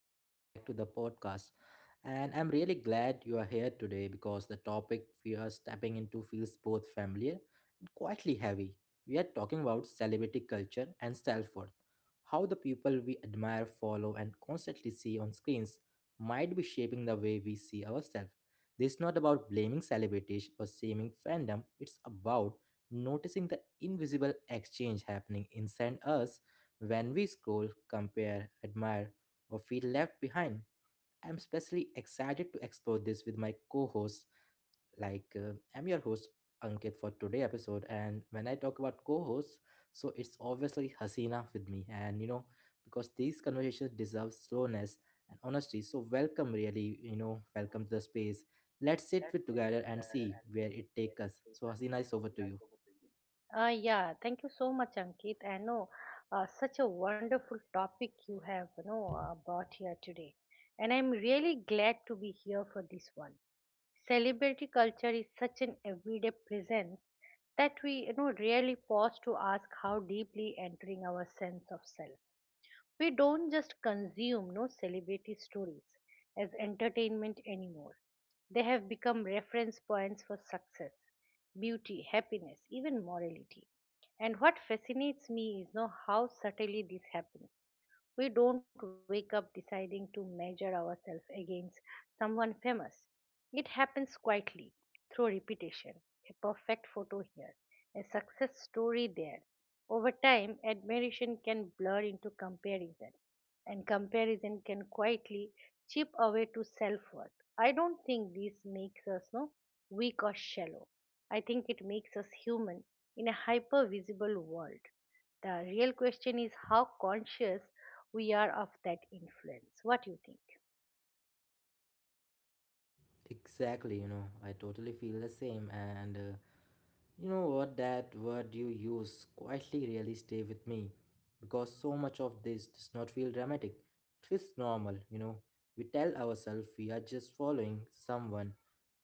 welcome back to the podcast. And I'm really glad you are here today because the topic we are stepping into feels both familiar and quietly heavy. We are talking about celebrity culture and self worth, how the people we admire, follow, and constantly see on screens might be shaping the way we see ourselves. This is not about blaming celebrities or shaming fandom, it's about noticing the invisible exchange happening inside us when we scroll, compare, admire, or feel left behind. I'm especially excited to explore this with my co hosts. Like, I'm your host, Ankit, for today's episode. And when I talk about co hosts, so it's obviously Hasina with me. And, you know, because these conversations deserve slowness and honesty. So, welcome, really, welcome to the space. Let's sit with together and see where it takes us. So, Hasina, it's over to you. Yeah, thank you so much, Ankit. I know such a wonderful topic you have, brought here today, and I'm really glad to be here for this one. Celebrity culture is such an everyday presence that we rarely pause to ask how deeply entering our sense of self. We don't just consume no celebrity stories as entertainment anymore. They have become reference points for success, beauty, happiness, even morality. And what fascinates me is no how subtly this happens. We don't wake up deciding to measure ourselves against someone famous. It happens quietly through repetition. A perfect photo here, a success story there. Over time, admiration can blur into comparison, and comparison can quietly chip away to self worth. I don't think this makes us no weak or shallow. I think it makes us human in a hyper visible world. The real question is how conscious we are of that influence. What do you think? Exactly, you know, I totally feel the same. And You know what, that word you use, quietly, really stay with me, because so much of this does not feel dramatic. It feels normal, you know. We tell ourselves we are just following someone,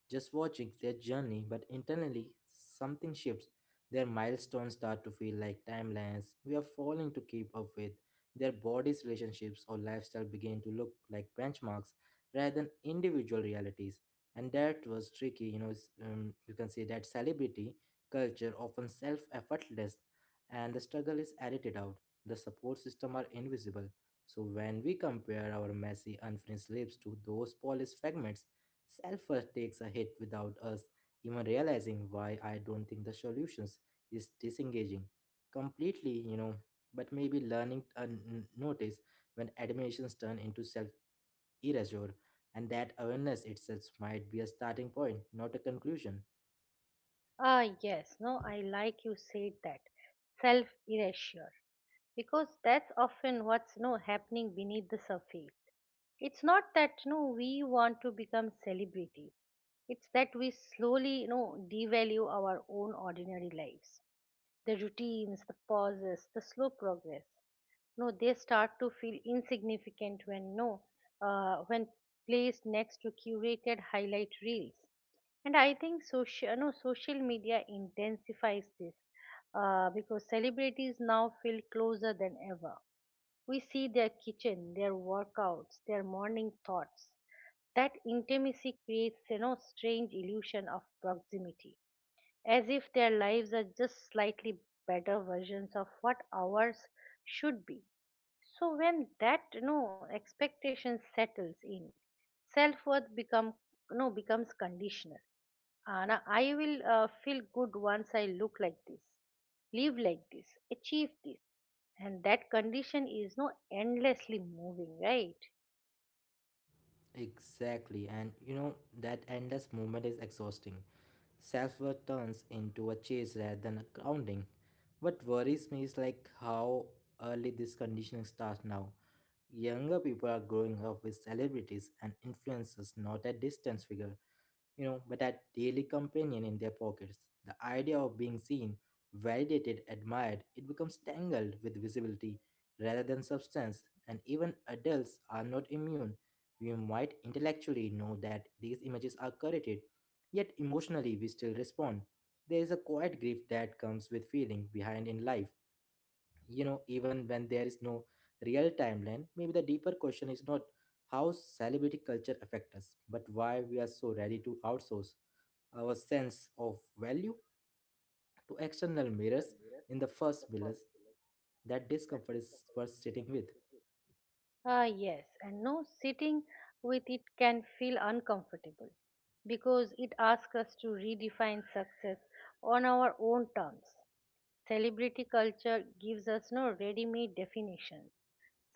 just watching their journey, but internally something shifts. Their milestones start to feel like timelines we are falling to keep up with. Their bodies, relationships, or lifestyle begin to look like benchmarks rather than individual realities. And that was tricky, you know. You can see that celebrity culture often self effortless, and the struggle is edited out. The support system are invisible. So when we compare our messy, unfinished lives to those polished fragments, self worth takes a hit without us even realizing why. I don't think the solutions is disengaging completely, you know, but maybe learning to notice when admirations turn into self erasure, and that awareness itself might be a starting point, not a conclusion. Yes. no, I like you said that self erasure because that's often what's no happening beneath the surface. It's not that no we want to become celebrities. It's that we slowly devalue our own ordinary lives, the routines, the pauses, the slow progress. No They start to feel insignificant when no when placed next to curated highlight reels. And I think social no social media intensifies this because celebrities now feel closer than ever. We see their kitchen, their workouts, their morning thoughts. That intimacy creates strange illusion of proximity, as if their lives are just slightly better versions of what ours should be. So when that expectation settles in, self worth becomes conditional. Anna, I will feel good once I look like this, live like this, achieve this, and that condition is no endlessly moving, right? Exactly, and you know that endless movement is exhausting. Self worth turns into a chase rather than a grounding. What worries me is like how early this conditioning starts now. Younger people are growing up with celebrities and influencers, not a distance figure, you know, but a daily companion in their pockets. The idea of being seen, validated, admired, it becomes tangled with visibility rather than substance, and even adults are not immune. We might intellectually know that these images are curated, yet emotionally we still respond. There is a quiet grief that comes with feeling behind in life. You know, even when there is no real timeline, maybe the deeper question is not how celebrity culture affects us, but why we are so ready to outsource our sense of value to external mirrors in the first place. That discomfort is worth sitting with. Yes, and no sitting with it can feel uncomfortable because it asks us to redefine success on our own terms. Celebrity culture gives us no ready made definitions.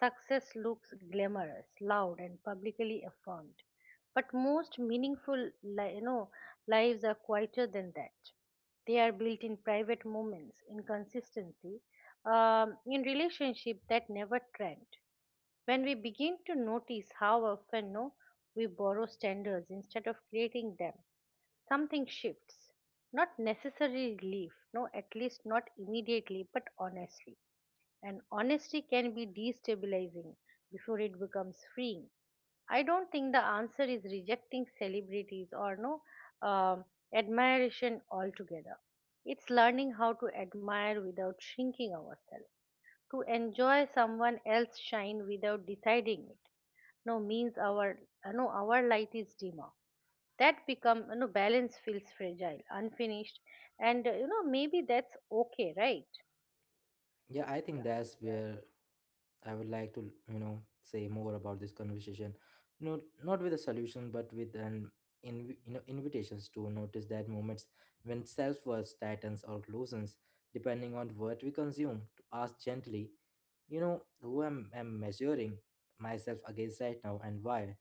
Success looks glamorous, loud, and publicly affirmed. But most meaningful lives are quieter than that. They are built in private moments, in consistency, in relationship that never trend. When we begin to notice how often no, we borrow standards instead of creating them, something shifts. Not necessarily relief, no, at least not immediately, but honestly. And honesty can be destabilizing before it becomes freeing. I don't think the answer is rejecting celebrities or no um, admiration altogether. It's learning how to admire without shrinking ourselves, to enjoy someone else's shine without deciding it. No means our no our light is dimmer. That become balance feels fragile, unfinished, and maybe that's okay, right? Yeah, I think that's where I would like to, you know, say more about this conversation, no not with a solution but with an you know, invitations to notice that moments when self-worth tightens or loosens depending on what we consume, to ask gently, you know, who am I measuring myself against right now, and why?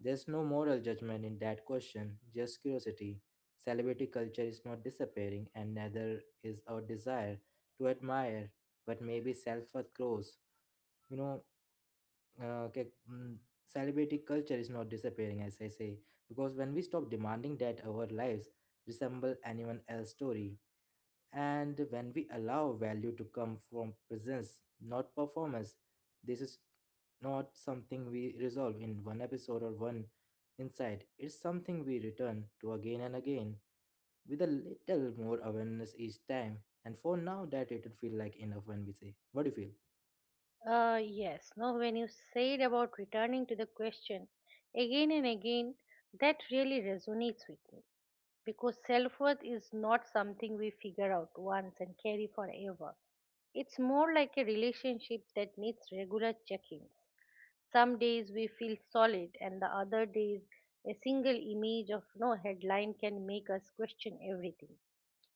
There's no moral judgment in that question, just curiosity. Celebrity culture is not disappearing, and neither is our desire to admire, but maybe self worth grows. You know, uh, ke- mm, Celebrity culture is not disappearing, as I say, because when we stop demanding that our lives resemble anyone else's story, and when we allow value to come from presence, not performance, this is not something we resolve in one episode or one insight. It's something we return to again and again with a little more awareness each time. And for now, that it'll feel like enough. When we say, what do you feel? Yes. no When you said about returning to the question again and again, that really resonates with me, because self-worth is not something we figure out once and carry forever. It's more like a relationship that needs regular checking. Some days we feel solid, and the other days a single image of no headline can make us question everything.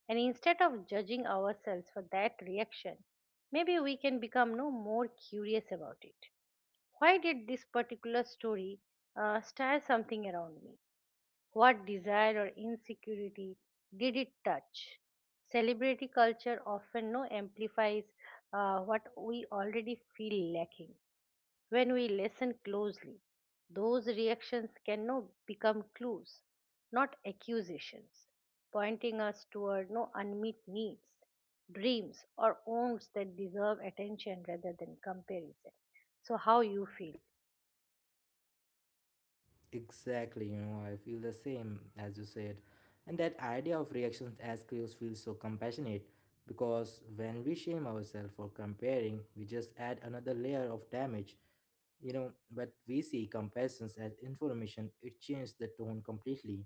And instead of judging ourselves for that reaction, maybe we can become no more curious about it. Why did this particular story stir something around me? What desire or insecurity did it touch? Celebrity culture often no amplifies what we already feel lacking. When we listen closely, those reactions can become clues, not accusations, pointing us toward no unmet needs, dreams, or wants that deserve attention rather than comparison. So, how you feel? Exactly, you know, I feel the same as you said. And that idea of reactions as clues feels so compassionate, because when we shame ourselves for comparing, we just add another layer of damage, you know. But we see comparisons as information, it changes the tone completely,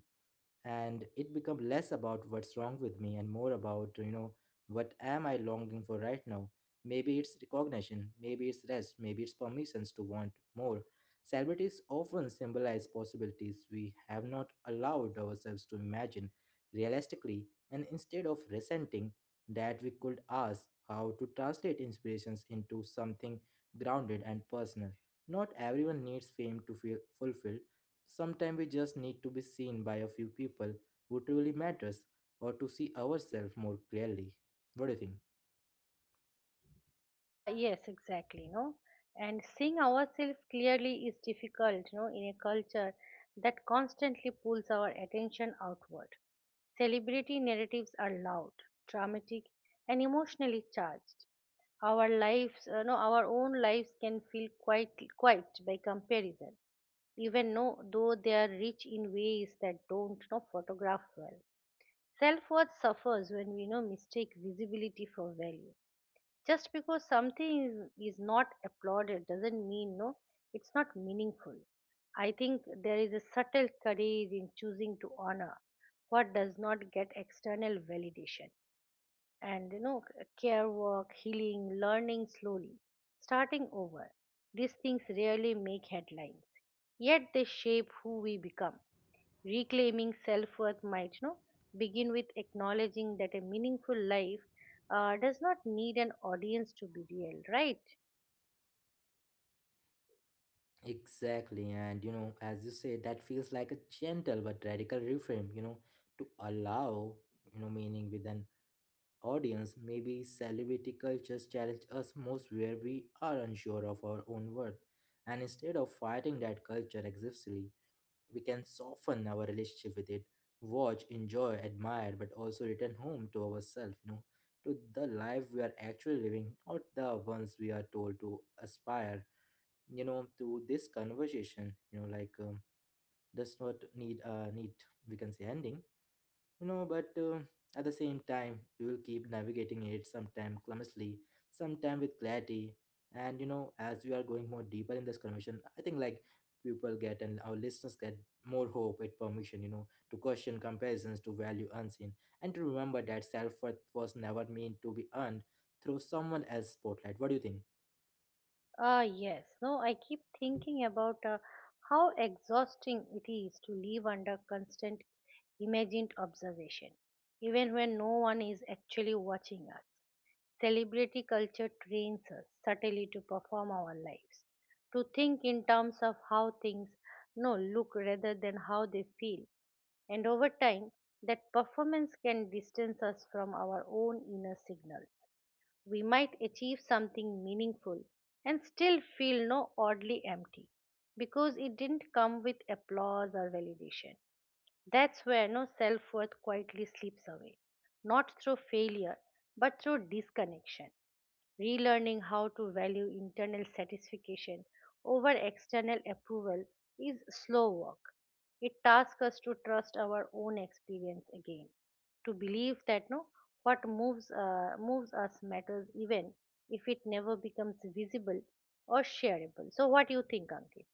and it become less about what's wrong with me and more about, you know, what am I longing for right now? Maybe it's recognition, maybe it's rest, maybe it's permissions to want more. Celebrities often symbolize possibilities we have not allowed ourselves to imagine realistically, and instead of resenting that, we could ask how to translate inspirations into something grounded and personal. Not everyone needs fame to feel fulfilled. Sometimes we just need to be seen by a few people who truly matters, or to see ourselves more clearly. What do you think? Yes, exactly, no. And seeing ourselves clearly is difficult in a culture that constantly pulls our attention outward. Celebrity narratives are loud, dramatic, and emotionally charged. Our lives, no, our own lives can feel quite by comparison, even no, though they are rich in ways that don't no, photograph well. Self-worth suffers when we no mistake visibility for value. Just because something is not applauded doesn't mean it's not meaningful. I think there is a subtle courage in choosing to honor what does not get external validation. And care work, healing, learning slowly, starting over, these things rarely make headlines, yet they shape who we become. Reclaiming self-worth might begin with acknowledging that a meaningful life does not need an audience to be real, right? Exactly, and you know, as you say, that feels like a gentle but radical reframe, you know, to allow, you know, meaning with an audience. Maybe celebrity cultures challenge us most where we are unsure of our own worth. And instead of fighting that culture aggressively, we can soften our relationship with it, watch, enjoy, admire, but also return home to ourselves, you know, to the life we are actually living, not the ones we are told to aspire. You know, to this conversation, you know, like, does not need a neat, we can say, ending, you know, but at the same time, we will keep navigating it, sometime clumsily, sometime with clarity. And you know, as we are going more deeper in this conversation, I think like people get, and our listeners get more hope with permission, you know, to question comparisons, to value unseen, and to remember that self-worth was never meant to be earned through someone else's spotlight. What do you think? Yes. No, I keep thinking about how exhausting it is to live under constant imagined observation, even when no one is actually watching us. Celebrity culture trains us subtly to perform our lives, to think in terms of how things no look rather than how they feel. And over time, that performance can distance us from our own inner signals. We might achieve something meaningful and still feel no oddly empty because it didn't come with applause or validation. That's where no self worth quietly slips away, not through failure, but through disconnection. Relearning how to value internal satisfaction over external approval is slow work. It tasks us to trust our own experience again, to believe that no moves us matters even if it never becomes visible or shareable. So, what do you think, Ankit?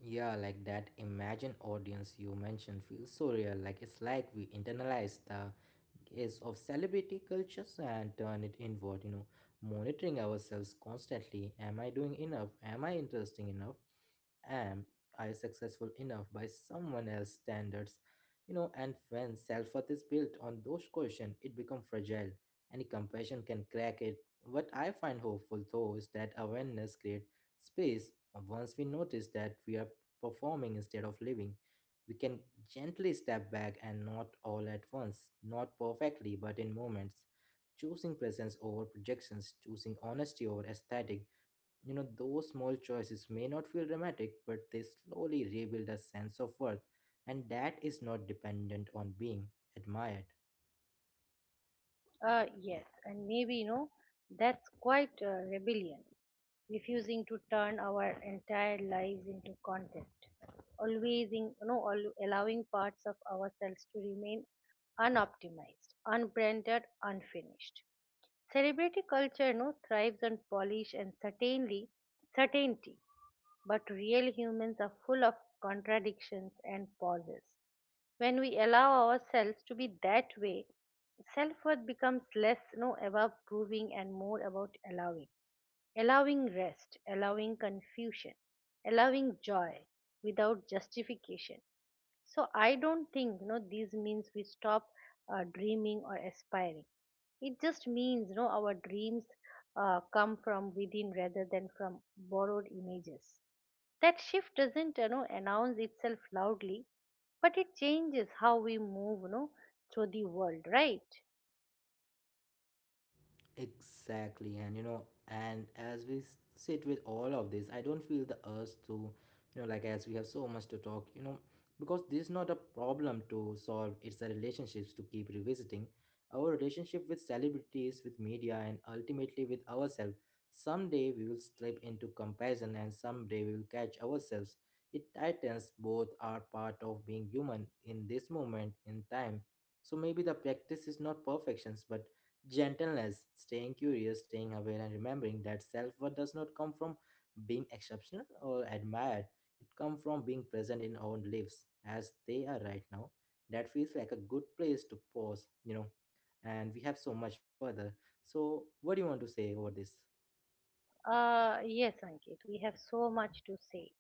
Yeah, like that imagined audience you mentioned feels so real. Like it's like we internalize the gaze of celebrity cultures and turn it inward, you know, monitoring ourselves constantly. Am I doing enough? Am I interesting enough? Am I successful enough by someone else's standards? You know, and when self worth is built on those questions, it becomes fragile. Any compassion can crack it. What I find hopeful though is that awareness creates space. Once we notice that we are performing instead of living, we can gently step back, and not all at once, not perfectly, but in moments. Choosing presence over projections, choosing honesty over aesthetic. You know, those small choices may not feel dramatic, but they slowly rebuild a sense of worth, and that is not dependent on being admired. Yes, and maybe that's quite rebellion, refusing to turn our entire lives into content, always, in, you know, al- allowing parts of ourselves to remain unoptimized, unbranded, unfinished. Celebrity culture thrives on polish and certainly certainty, but real humans are full of contradictions and pauses. When we allow ourselves to be that way, self worth becomes less no about proving and more about allowing. Allowing rest, allowing confusion, allowing joy without justification. So I don't think this means we stop dreaming or aspiring. It just means our dreams come from within rather than from borrowed images. That shift doesn't announce itself loudly, but it changes how we move through the world, right? Exactly, and you know, and as we sit with all of this, I don't feel the urge to, you know, like, as we have so much to talk, you know, because this is not a problem to solve, it's a relationships to keep revisiting. Our relationship with celebrities, with media, and ultimately with ourselves. Someday we will slip into comparison, and someday we will catch ourselves. It tightens, both are part of being human in this moment in time. So maybe the practice is not perfections, but gentleness. Staying curious, staying aware, and remembering that self worth does not come from being exceptional or admired. It comes from being present in our lives as they are right now. That feels like a good place to pause, you know. And we have so much further. So, what do you want to say over this? Yes, Ankit, we have so much to say.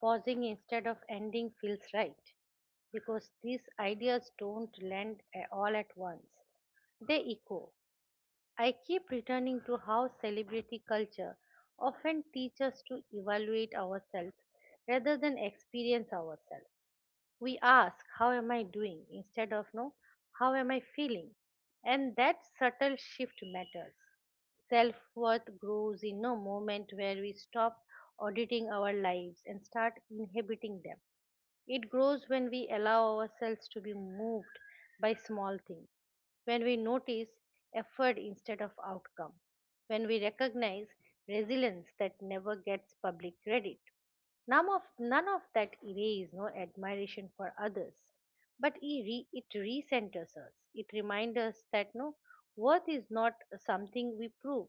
Pausing instead of ending feels right because these ideas don't land all at once, they echo. I keep returning to how celebrity culture often teaches us to evaluate ourselves rather than experience ourselves. We ask, how am I doing, instead of no how am I feeling? And that subtle shift matters. Self-worth grows in no moment where we stop auditing our lives and start inhabiting them. It grows when we allow ourselves to be moved by small things, when we notice effort instead of outcome, when we recognize resilience that never gets public credit. None of that erases no admiration for others, but it recenters us. It reminds us that worth is not something we prove.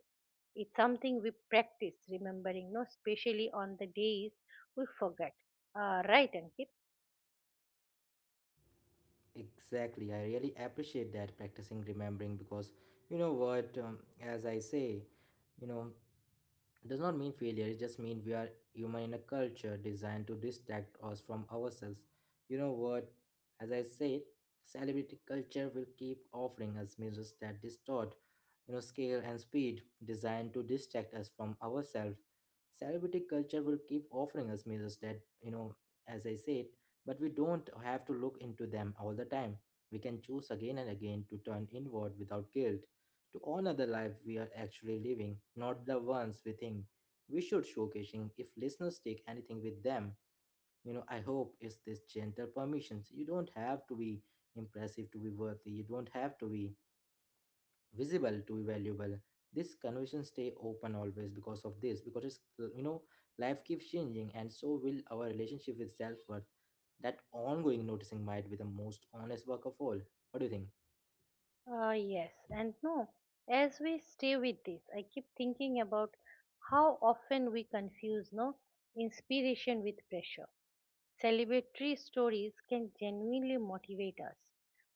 It's something we practice, remembering, no, especially on the days we forget. Right, Ankit? Exactly. I really appreciate that practicing remembering, because you know what, as I say, you know, does not mean failure. It just means we are human in a culture designed to distract us from ourselves. You know what, as I said, celebrity culture will keep offering us mirrors that distort, you know, scale and speed designed to distract us from ourselves. Celebrity culture will keep offering us mirrors that, you know, as I said. But we don't have to look into them all the time. We can choose again and again to turn inward without guilt, to honor the life we are actually living, not the ones we think we should showcasing. If listeners take anything with them, you know, I hope it's this gentle permissions. You don't have to be impressive to be worthy. You don't have to be visible to be valuable. This conversation stay open always because of this, because it's, you know, life keeps changing, and so will our relationship with self-worth. That ongoing noticing might be the most honest work of all. What do you think? Yes, and no. As we stay with this, I keep thinking about how often we confuse no inspiration with pressure. Celebratory stories can genuinely motivate us,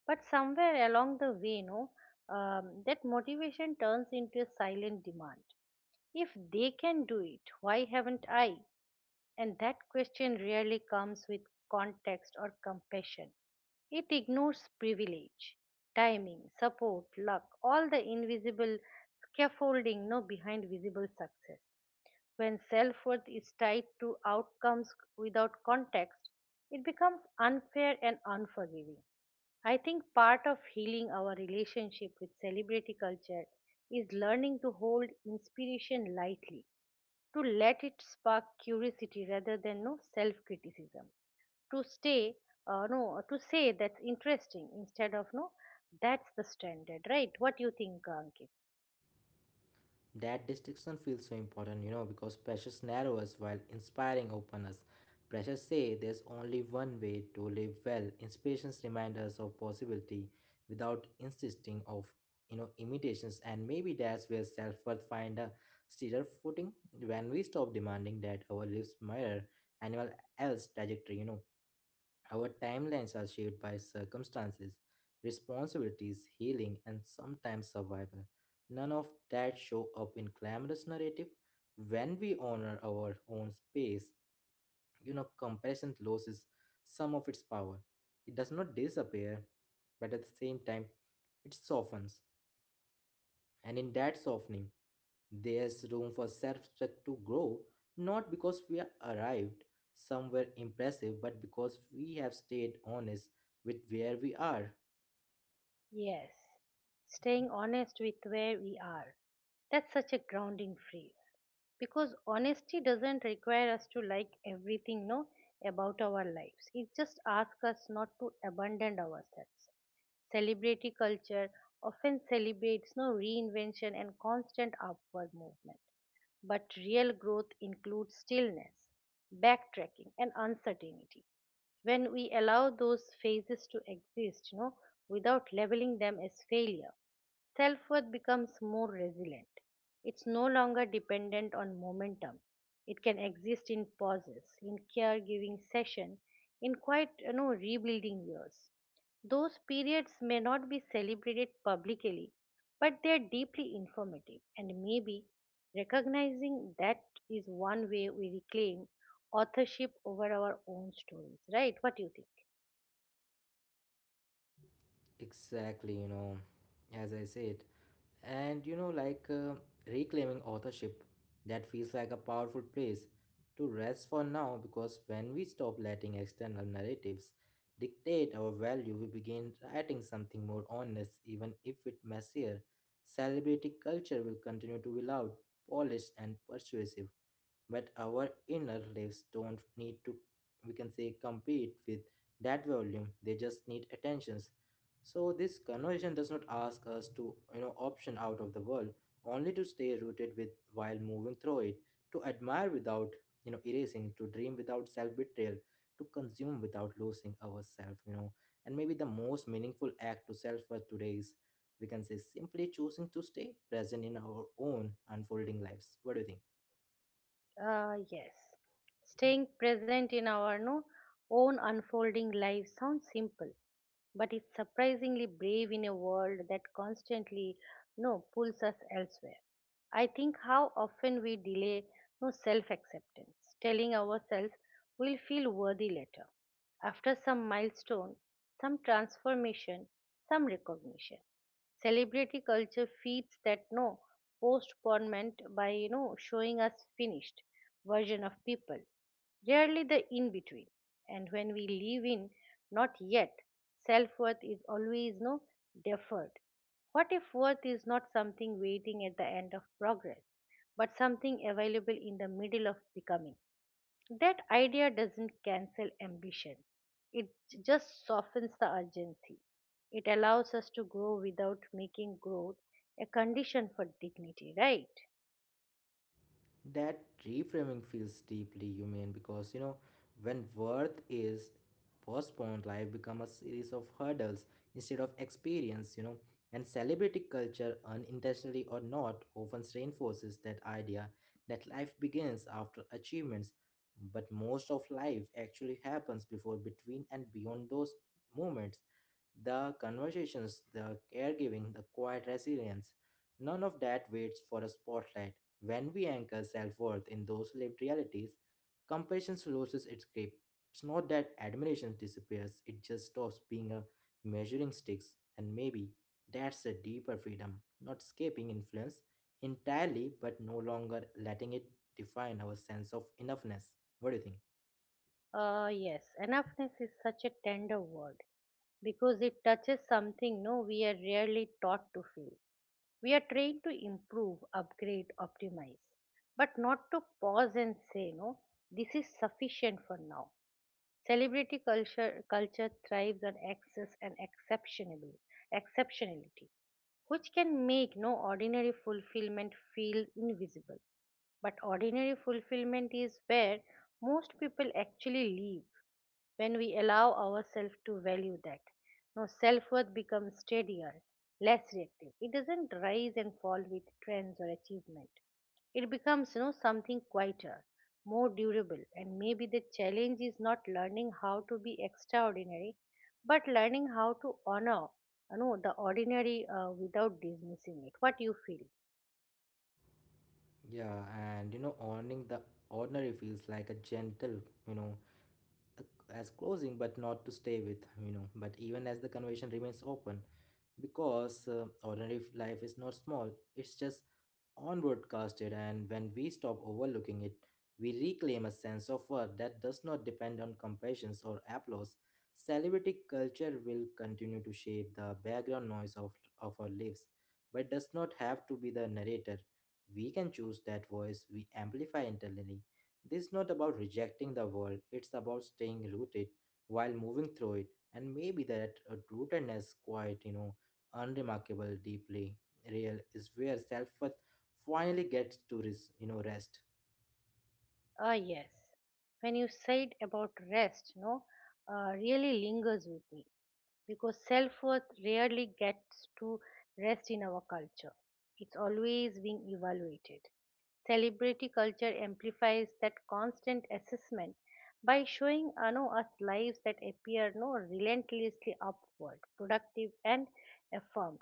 but somewhere along the way, no, that motivation turns into a silent demand. If they can do it, why haven't I? And that question rarely comes with context or compassion. It ignores privilege, timing, support, luck, all the invisible scaffolding no behind visible success. When self worth is tied to outcomes without context, it becomes unfair and unforgiving. I think part of healing our relationship with celebrity culture is learning to hold inspiration lightly, to let it spark curiosity rather than no self criticism, to stay no to say that's interesting instead of no that's the standard, right? What do you think, Ankit? That distinction feels so important, you know, because pressures narrow us while inspiring open us. Pressures say there's only one way to live well. Inspirations remind us of possibility without insisting of, you know, imitations. And maybe that's where self-worth find a steadier footing, when we stop demanding that our lives mirror anyone else's trajectory, you know. Our timelines are shaped by circumstances, responsibilities, healing, and sometimes survival. None of that show up in glamorous narrative. When we honor our own space, you know, comparison loses some of its power. It does not disappear, but at the same time, it softens. And in that softening, there's room for self respect to grow, not because we are arrived somewhere impressive, but because we have stayed honest with where we are. Yes, staying honest with where we are. That's such a grounding phrase because honesty doesn't require us to like everything no about our lives. It just asks us not to abandon ourselves. Celebrity culture often celebrates no reinvention and constant upward movement. But real growth includes stillness, backtracking, and uncertainty. When we allow those phases to exist without labeling them as failure, self worth becomes more resilient. It's no longer dependent on momentum. It can exist in pauses, in caregiving session, in quite rebuilding years. Those periods may not be celebrated publicly, but they are deeply informative, and maybe recognizing that is one way we reclaim authorship over our own stories, right? What do you think? Exactly, as I said. And like reclaiming authorship, that feels like a powerful place to rest for now because when we stop letting external narratives dictate our value, we begin writing something more honest, even if it messier. Celebrity culture will continue to be loud, polished, and persuasive, but our inner lives don't need to, we can say, compete with that volume, they just need attentions, so this conversation does not ask us to, option out of the world, only to stay rooted with while moving through it, to admire without, erasing, to dream without self-betrayal, to consume without losing ourselves. And maybe the most meaningful act to self for today is, we can say, simply choosing to stay present in our own unfolding lives. What do you think? Yes. Staying present in our no, own unfolding life sounds simple, but it's surprisingly brave in a world that constantly no pulls us elsewhere. I think how often we delay no self acceptance, telling ourselves we'll feel worthy later, after some milestone, some transformation, some recognition. Celebrity culture feeds that no postponement by showing us finished version of people, rarely the in between. And when we live in not yet, self worth is always deferred. What if worth is not something waiting at the end of progress, but something available in the middle of becoming? That idea doesn't cancel ambition, it just softens the urgency. It allows us to grow without making growth a condition for dignity, right? That reframing feels deeply human because when worth is postponed, life becomes a series of hurdles instead of experience, and celebrity culture unintentionally or not often reinforces that idea that life begins after achievements, but most of life actually happens before, between, and beyond those moments. The conversations, the caregiving, the quiet resilience, none of that waits for a spotlight. When we anchor self worth in those lived realities, compassion loses its grip. It's not that admiration disappears, it just stops being a measuring sticks, and maybe that's a deeper freedom, not escaping influence entirely, but no longer letting it define our sense of enoughness. What do you think? Yes, enoughness is such a tender word because it touches something no we are rarely taught to feel. We are trained to improve, upgrade, optimize, but not to pause and say, no, this is sufficient for now. Celebrity culture thrives on excess and exceptionally exceptionality, which can make no ordinary fulfillment feel invisible. But ordinary fulfillment is where most people actually live when we allow ourselves to value that. No, self worth becomes steadier, less reactive. It doesn't rise and fall with trends or achievement. It becomes something quieter, more durable. And maybe the challenge is not learning how to be extraordinary, but learning how to honor the ordinary without dismissing it. What you feel? Yeah, and owning the ordinary feels like a gentle, you know, as closing but not to stay with but even as the conversation remains open, because ordinary life is not small, it's just onward casted, and when we stop overlooking it, we reclaim a sense of worth that does not depend on compassions or applause. Celebrity culture will continue to shape the background noise of our lives, but does not have to be the narrator. We can choose that voice we amplify internally. This is not about rejecting the world, it's about staying rooted while moving through it, and maybe that rootedness, quite unremarkable, deeply real, is where self-worth finally gets to rest. Ah, yes. When you said about rest, really lingers with me because self worth rarely gets to rest in our culture. It's always being evaluated. Celebrity culture amplifies that constant assessment by showing no, us lives that appear no relentlessly upward, productive and affirmed.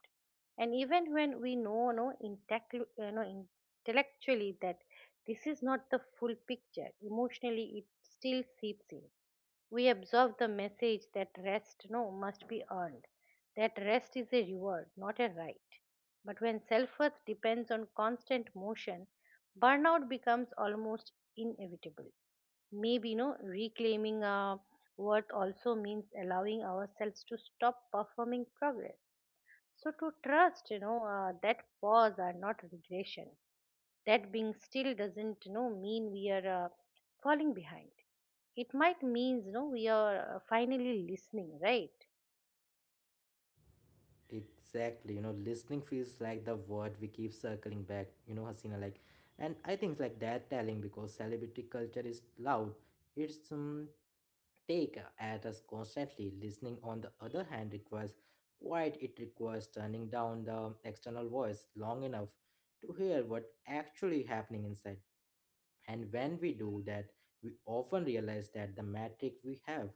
And even when we know no, intellectually that this is not the full picture, emotionally it still seeps in. We absorb the message that rest no must be earned, that rest is a reward not a right. But when self worth depends on constant motion, burnout becomes almost inevitable. Maybe, reclaiming our worth also means allowing ourselves to stop performing progress. So, to trust, that pause are not regression. That being still doesn't, mean we are falling behind. It might means, we are finally listening, right? Exactly, listening feels like the word we keep circling back, Hasina, like, and I think it's like that telling because celebrity culture is loud. It's take at us constantly. Listening, on the other hand, requires quiet. It requires turning down the external voice long enough to hear what actually happening inside. And when we do that, we often realize that the metric we have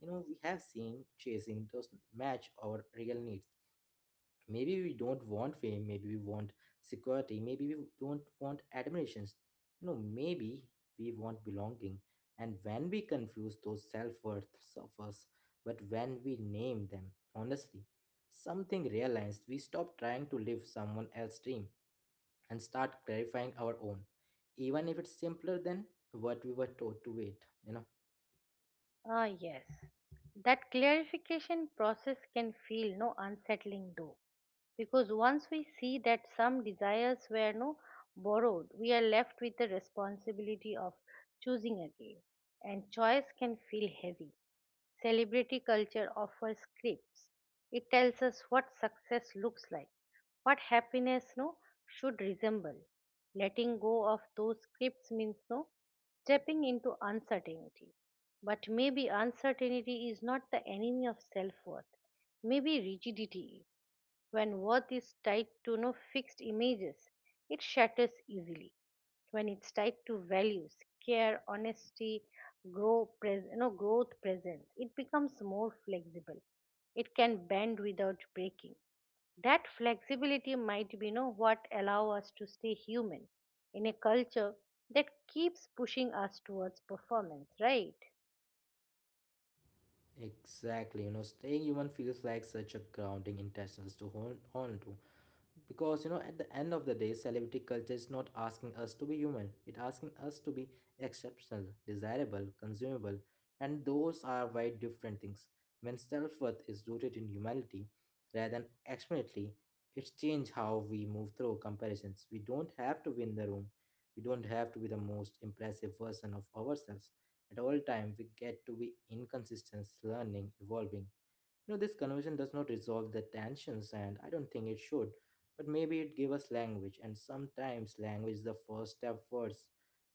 you know we have seen chasing does match our real needs. Maybe we don't want fame, maybe we want security, maybe we don't want admirations, maybe we want belonging, and when we confuse those self-worths of us, but when we name them honestly, something realized, we stop trying to live someone else's dream and start clarifying our own, even if it's simpler than what we were taught to wait. Ah, yes. That clarification process can feel no unsettling though, because once we see that some desires were no borrowed, we are left with the responsibility of choosing again, and choice can feel heavy. Celebrity culture offers scripts. It tells us what success looks like, what happiness no should resemble. Letting go of those scripts means no stepping into uncertainty. But maybe uncertainty is not the enemy of self worth. Maybe rigidity is. When worth is tied to no fixed images, it shatters easily. When it's tied to values, care, honesty, growth, presence, it becomes more flexible. It can bend without breaking. That flexibility might be what allow us to stay human in a culture that keeps pushing us towards performance, right? Exactly, staying human feels like such a grounding intentions to hold on to, because at the end of the day, celebrity culture is not asking us to be human, it's asking us to be exceptional, desirable, consumable, and those are very different things. When self-worth is rooted in humanity rather than externality, it's changed how we move through comparisons. We don't have to win the room, we don't have to be the most impressive version of ourselves at all time. We get to be inconsistent, learning, evolving. This conversation does not resolve the tensions, and I don't think it should. But maybe it gave us language, and sometimes language is the first step towards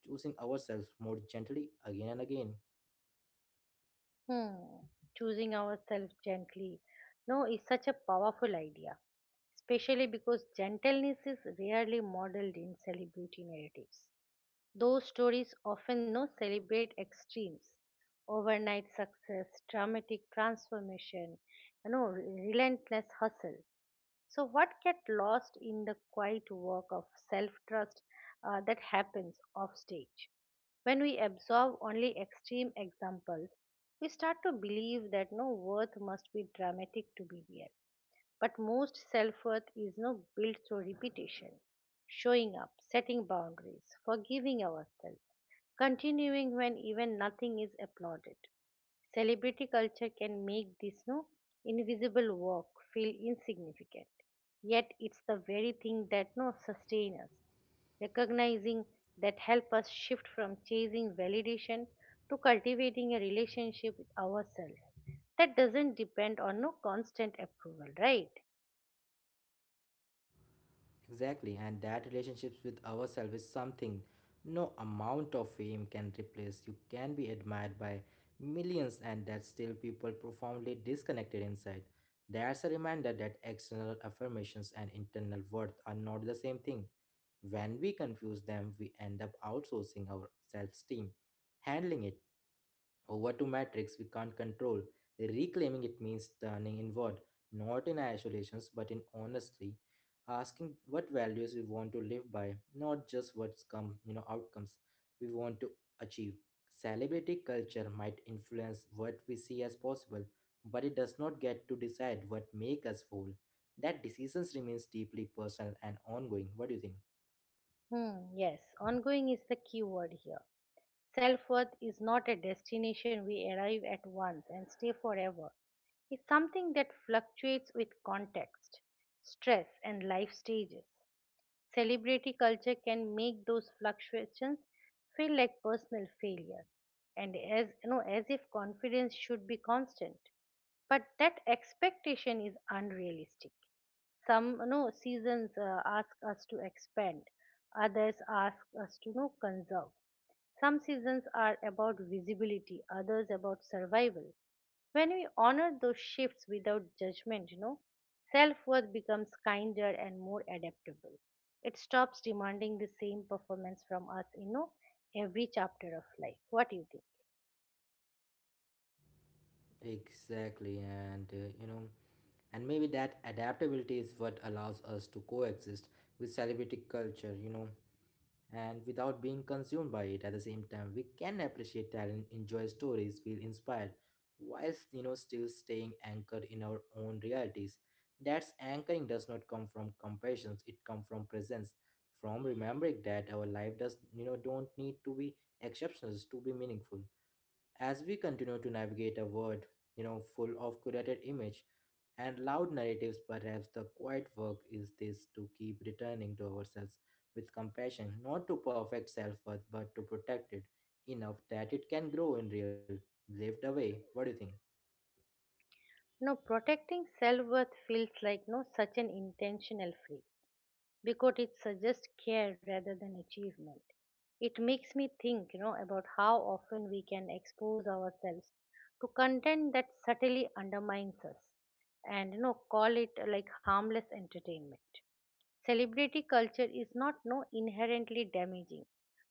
choosing ourselves more gently, again and again. Hmm, choosing ourselves gently. No, is such a powerful idea, especially because gentleness is rarely modeled in celebrity narratives. Those stories often no celebrate extremes, overnight success, dramatic transformation, you know, relentless hustle. So, what get lost in the quiet work of self trust that happens off stage? When we absorb only extreme examples, we start to believe that no worth must be dramatic to be real. But most self worth is no built through repetition, showing up, setting boundaries, forgiving ourselves, continuing when even nothing is applauded. Celebrity culture can make this no invisible work feel insignificant. Yet it's the very thing that no sustain us. Recognizing that help us shift from chasing validation to cultivating a relationship with ourselves that doesn't depend on no constant approval, right? Exactly, and that relationships with ourselves is something no amount of fame can replace. You can be admired by millions, and that still people profoundly disconnected inside. That's a reminder that external affirmations and internal worth are not the same thing. When we confuse them, we end up outsourcing our self esteem, handling it over to matrix we can't control. The reclaiming it means turning inward, not in isolations, but in honestly asking what values we want to live by, not just what's come, outcomes we want to achieve. Celebrity culture might influence what we see as possible, but it does not get to decide what make us whole. That decisions remains deeply personal and ongoing. What do you think? Hmm, yes, ongoing is the key word here. Self worth is not a destination we arrive at once and stay forever. It's something that fluctuates with context, stress, and life stages. Celebrity culture can make those fluctuations feel like personal failure, and as if confidence should be constant. But that expectation is unrealistic. Some seasons ask us to expand, others ask us to conserve. Some seasons are about visibility, others about survival. When we honor those shifts without judgment, self worth becomes kinder and more adaptable. It stops demanding the same performance from us, every chapter of life. What do you think? Exactly, and you know. And maybe that adaptability is what allows us to coexist with celebrity culture, and without being consumed by it. At the same time, we can appreciate talent, enjoy stories, feel inspired, whilst still staying anchored in our own realities. That's anchoring does not come from compassions, it comes from presence, from remembering that our life does don't need to be exceptional to be meaningful. As we continue to navigate a world full of curated image and loud narratives, perhaps the quiet work is this, to keep returning to ourselves with compassion, not to perfect self worth, but to protect it enough that it can grow in real, lived away. What do you think? No, protecting self worth feels like no such an intentional freedom, because it suggests care rather than achievement. It makes me think, about how often we can expose ourselves to content that subtly undermines us and call it like harmless entertainment. Celebrity culture is not no inherently damaging,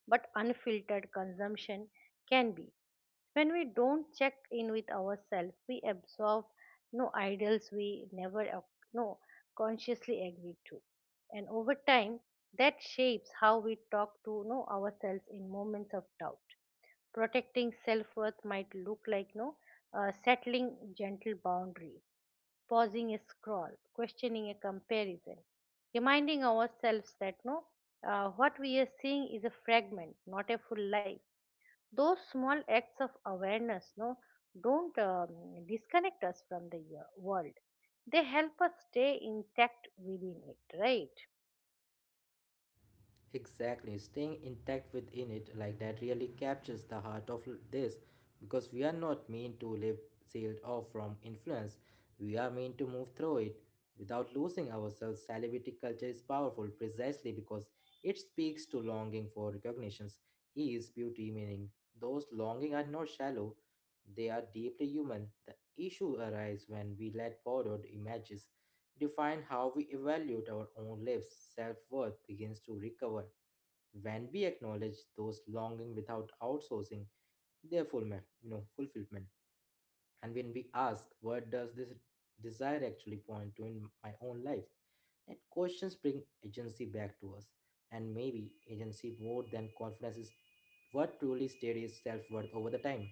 but unfiltered consumption can be. When we don't check in with ourselves, we absorb no ideals we never no consciously agree to, and over time that shapes how we talk to ourselves in moments of doubt. Protecting self-worth might look like no settling gentle boundaries, pausing a scroll, questioning a comparison, reminding ourselves that no what we are seeing is a fragment not a full life. Those small acts of awareness no don't disconnect us from the world, they help us stay intact within it, right? Exactly, staying intact within it like that really captures the heart of this, because we are not meant to live sealed off from influence. We are meant to move through it without losing ourselves. Celebrity culture is powerful precisely because it speaks to longing for recognitions, ease, beauty, meaning. Those longing are not shallow, they are deeply human. The issue arises when we let borrowed images define how we evaluate our own lives. Self worth begins to recover when we acknowledge those longing without outsourcing their full fulfillment, and when we ask, what does this desire actually point to in my own life? That questions bring agency back to us, and maybe agency, more than confidence, is what truly steadies self-worth over the time.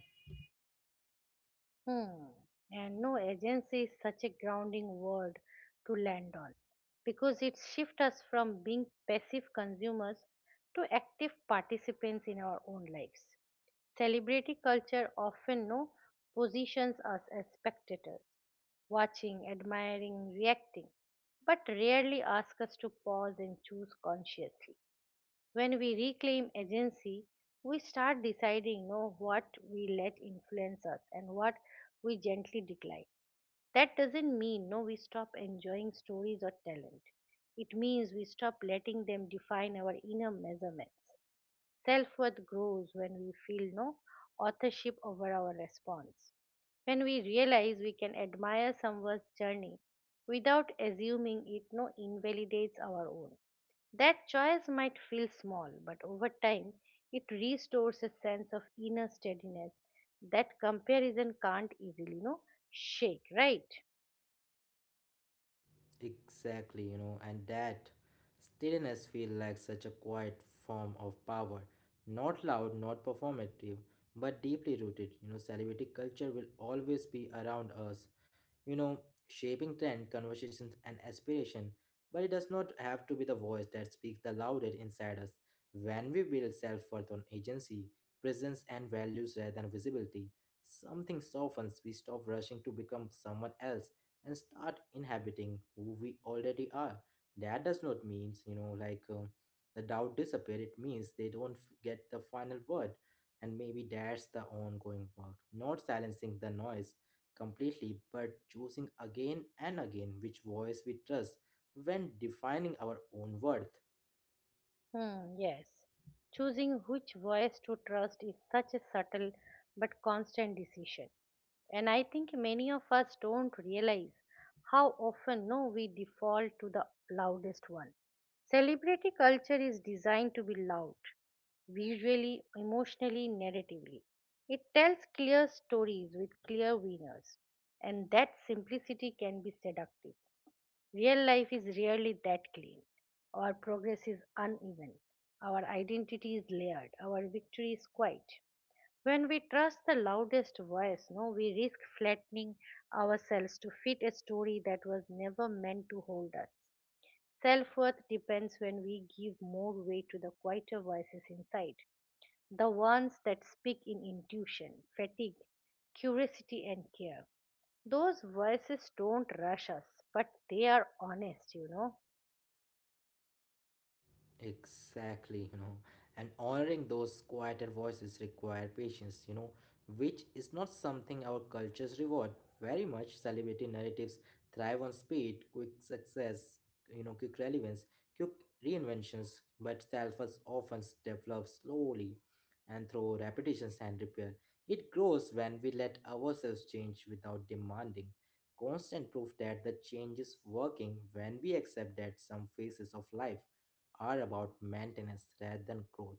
Hmm. And no agency is such a grounding word to land on because it shifts us from being passive consumers to active participants in our own lives. Celebrity culture often no positions us as spectators, watching, admiring, reacting, but rarely asks us to pause and choose consciously. When we reclaim agency, we start deciding no what we let influence us and what we gently decline. That doesn't mean no we stop enjoying stories or talent. It means we stop letting them define our inner measurements. Self-worth grows when we feel no authorship over our response. When we realize we can admire someone's journey without assuming it no invalidates our own. That choice might feel small, but over time it restores a sense of inner steadiness that comparison can't easily, shake, right? Exactly, and that steadiness feels like such a quiet form of power. Not loud, not performative, but deeply rooted. Celebrity culture will always be around us, you know, shaping trend, conversations, and aspiration. But it does not have to be the voice that speaks the loudest inside us. When we build self worth on agency, presence, and values rather than visibility, something softens. We stop rushing to become someone else and start inhabiting who we already are. That does not mean, like, the doubt disappear. It means they don't get the final word. And maybe that's the ongoing work, not silencing the noise completely, but choosing again and again which voice we trust when defining our own worth. Hmm, yes. Choosing which voice to trust is such a subtle but constant decision. And I think many of us don't realize how often no we default to the loudest one. Celebrity culture is designed to be loud, visually, emotionally, narratively. It tells clear stories with clear winners, and that simplicity can be seductive. Real life is rarely that clean. Our progress is uneven. Our identity is layered. Our victory is quiet. When we trust the loudest voice, no, we risk flattening ourselves to fit a story that was never meant to hold us. Self worth depends when we give more weight to the quieter voices inside, the ones that speak in intuition, fatigue, curiosity, and care. Those voices don't rush us, but they are honest. Exactly, and honoring those quieter voices require patience, which is not something our cultures reward very much. Celebrity narratives thrive on speed, quick success, quick relevance, quick reinventions, but self-us often develops slowly and through repetitions and repair. It grows when we let ourselves change without demanding constant proof that the change is working, when we accept that some phases of life are about maintenance rather than growth.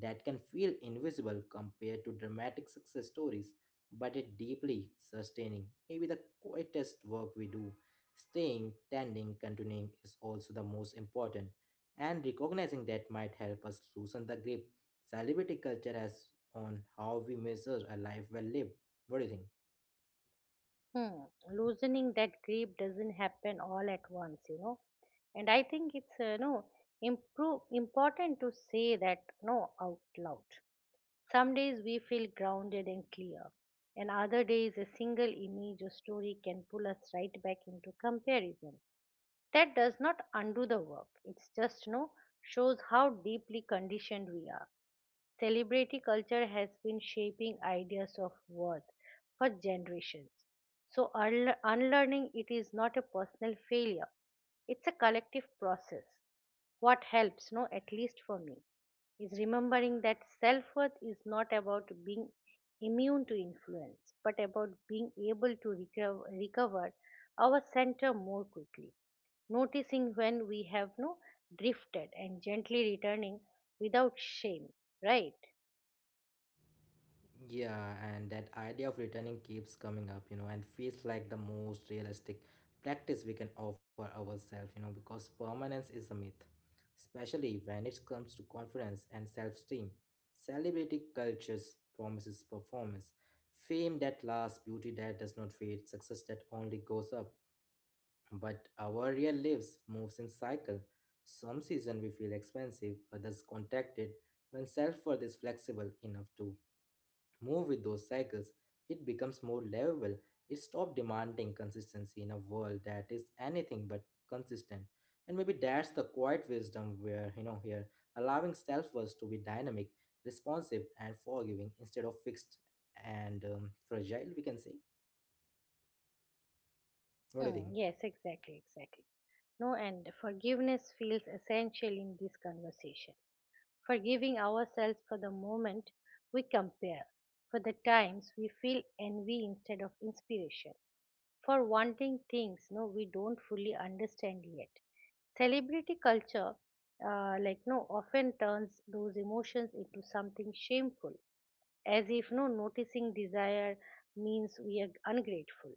That can feel invisible compared to dramatic success stories, but it deeply sustaining. Maybe the quietest work we do, staying, tending, continuing, is also the most important. And recognizing that might help us loosen the grip celebrity culture has on how we measure a life well lived. What do you think? Hmm. Loosening that grip doesn't happen all at once, And I think it's no improve, important to say that no out loud. Some days we feel grounded and clear, and other days a single image or story can pull us right back into comparison. That does not undo the work, it's just no shows how deeply conditioned we are. Celebrity culture has been shaping ideas of worth for generations. So, unlearning it is not a personal failure, it's a collective process. What helps no at least for me is remembering that self-worth is not about being immune to influence but about being able to recover our center more quickly, noticing when we have no drifted and gently returning without shame, right? Yeah, and that idea of returning keeps coming up, and feels like the most realistic practice we can offer ourselves, because permanence is a myth, especially when it comes to confidence and self esteem. Celebrity cultures promises performance, fame that lasts, beauty that does not fade, success that only goes up. But our real lives moves in cycle. Some season we feel expensive, others contracted. When self-worth is flexible enough to move with those cycles, it becomes more livable. It stops demanding consistency in a world that is anything but consistent. And maybe that's the quiet wisdom where, here, allowing self worth to be dynamic, responsive, and forgiving instead of fixed and fragile, we can say. What do you Hmm, think? yes, exactly. No, and forgiveness feels essential in this conversation. Forgiving ourselves for the moment we compare, for the times we feel envy instead of inspiration, for wanting things no we don't fully understand yet. Celebrity culture, like no, often turns those emotions into something shameful, as if no noticing desire means we are ungrateful.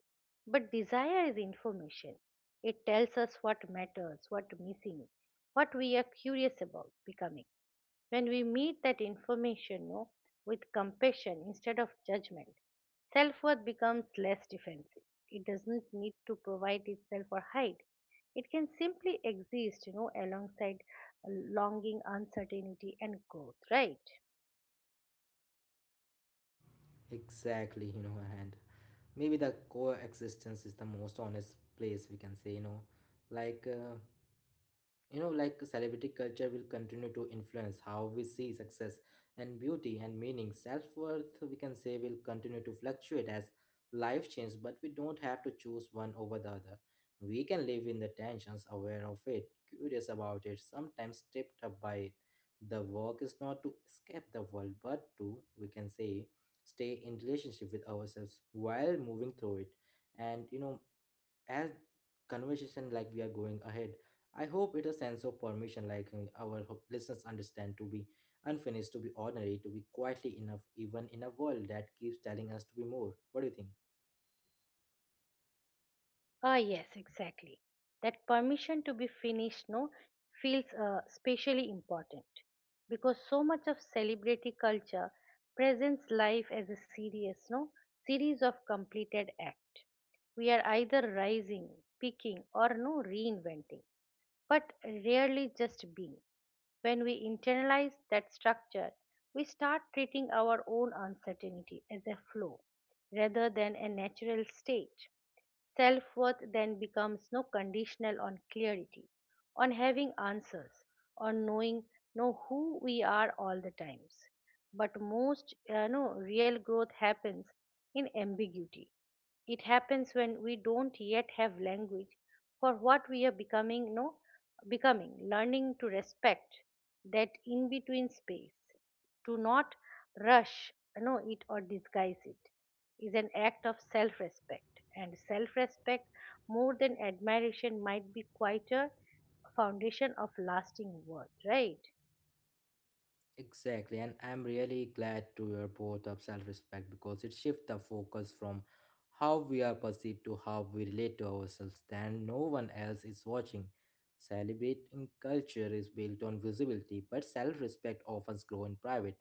But desire is information. It tells us what matters, what missing, what we are curious about becoming. When we meet that information no, with compassion instead of judgment, self worth becomes less defensive. It doesn't need to provide itself or hide. It can simply exist, alongside longing, uncertainty, and growth, right? Exactly, and maybe the coexistence is the most honest place we can saylike uh, like celebrity culture will continue to influence how we see success and beauty and meaning. Self-worth, we can say, will continue to fluctuate as life changes, but we don't have to choose one over the other. We can live in the tensions, aware of it, curious about it, sometimes tripped up by it. The work is not to escape the world, but to, we can say, stay in relationship with ourselves while moving through it. And as conversation, like we are going ahead, I hope it a sense of permission, like our listeners understand, to be unfinished, to be ordinary, to be quietly enough, even in a world that keeps telling us to be more. What do you think? Ah, yes, exactly. That permission to be finished, no, feels especially important because so much of celebrity culture presents life as a serious, no, series of completed act. We are either rising, peaking, or no reinventing, but rarely just being. When we internalize that structure, we start treating our own uncertainty as a flow rather than a natural state. Self worth then becomes no conditional on clarity, on having answers, on knowing know who we are all the times. But most no real growth happens in ambiguity. It happens when we don't yet have language for what we are becoming, no becoming, learning to respect that in between space, to not rush it or disguise it, is an act of self respect, and self respect more than admiration might be quite a foundation of lasting worth, right? Exactly, and I'm really glad to hear both of self-respect because it shifts the focus from how we are perceived to how we relate to ourselves. Then no one else is watching. Celebrating culture is built on visibility, but self-respect often grows in private,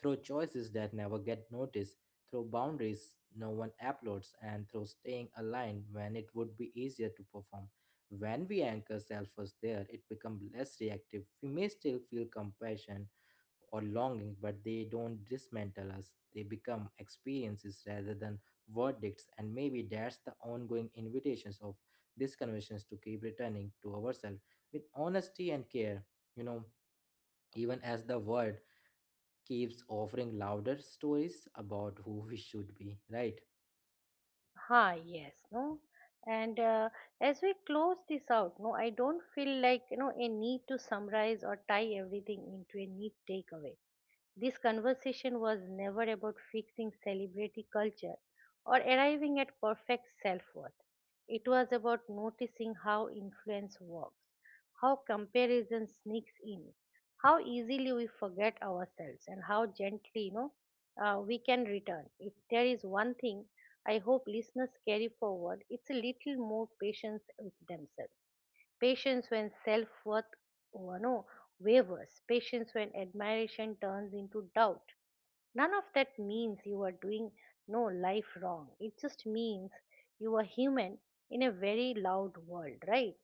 through choices that never get noticed, through boundaries no one applauds, and through staying aligned when it would be easier to perform. When we anchor self-worth there, it becomes less reactive. We may still feel compassion or longing, but they don't dismantle us. They become experiences rather than verdicts, and maybe that's the ongoing invitations of these conversations, to keep returning to ourselves with honesty and care. You know, Even as the world keeps offering louder stories about who we should be, right? Ha, yes, no, and as we close this out no I don't feel like a need to summarize or tie everything into a neat takeaway. This conversation was never about fixing celebrity culture or arriving at perfect self worth. It was about noticing how influence works, how comparison sneaks in, how easily we forget ourselves, and how gently, we can return. If there is one thing I hope listeners carry forward, it's a little more patience with themselves. Patience when self worth oh no, wavers. Patience when admiration turns into doubt. None of that means you are doing no life wrong. It just means you are human in a very loud world, right?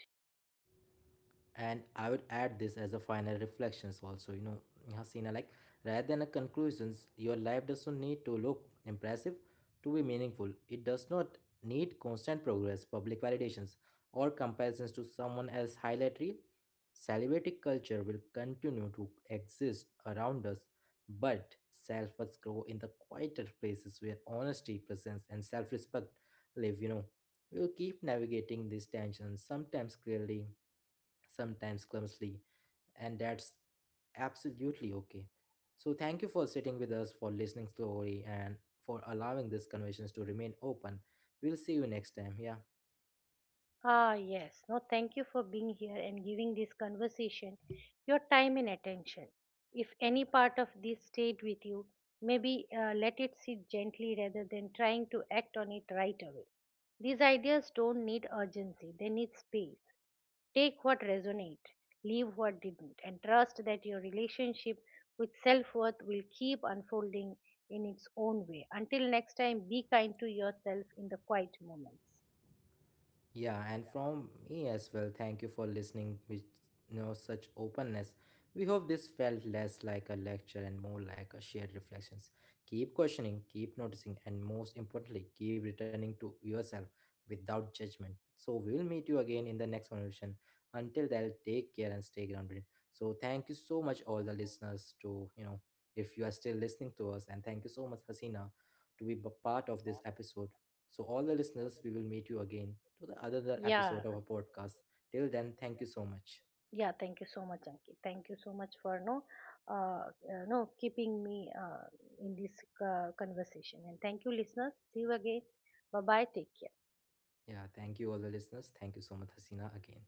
And I would add this as a final reflections also, Hasina, like rather than a conclusions, your life doesn't need to look impressive to be meaningful. It does not need constant progress, public validations, or comparisons to someone else highlight reel. Celebrity culture will continue to exist around us, but self-worth grow in the quieter places where honesty, presence, and self-respect live. We'll keep navigating these tensions, sometimes clearly, sometimes clumsily, and that's absolutely okay. So thank you for sitting with us, for listening slowly, and for allowing these conversations to remain open. We'll see you next time. Yeah. Ah, yes. No, thank you for being here and giving this conversation your time and attention. If any part of this stayed with you, maybe let it sit gently rather than trying to act on it right away. These ideas don't need urgency, they need space. Take what resonate, leave what didn't, and trust that your relationship with self worth will keep unfolding in its own way. Until next time, be kind to yourself in the quiet moments. Yeah, and from me as well, thank you for listening with such openness. We hope this felt less like a lecture and more like a shared reflections. Keep questioning, keep noticing, and most importantly, keep returning to yourself without judgment. So we will meet you again in the next conversation. Until then, take care and stay grounded. So thank you so much, all the listeners, to, if you are still listening to us, and thank you so much, Hasina, to be part of this episode. So all the listeners, we will meet you again to the another Yeah. episode of a podcast. Till then, thank you so much. Yeah, thank you so much, Ankit. Thank you so much for no, uh, uh, no keeping me in this conversation. And thank you, listeners. See you again. Bye bye. Take care. Yeah, thank you all the listeners. Thank you so much, Hasina, again.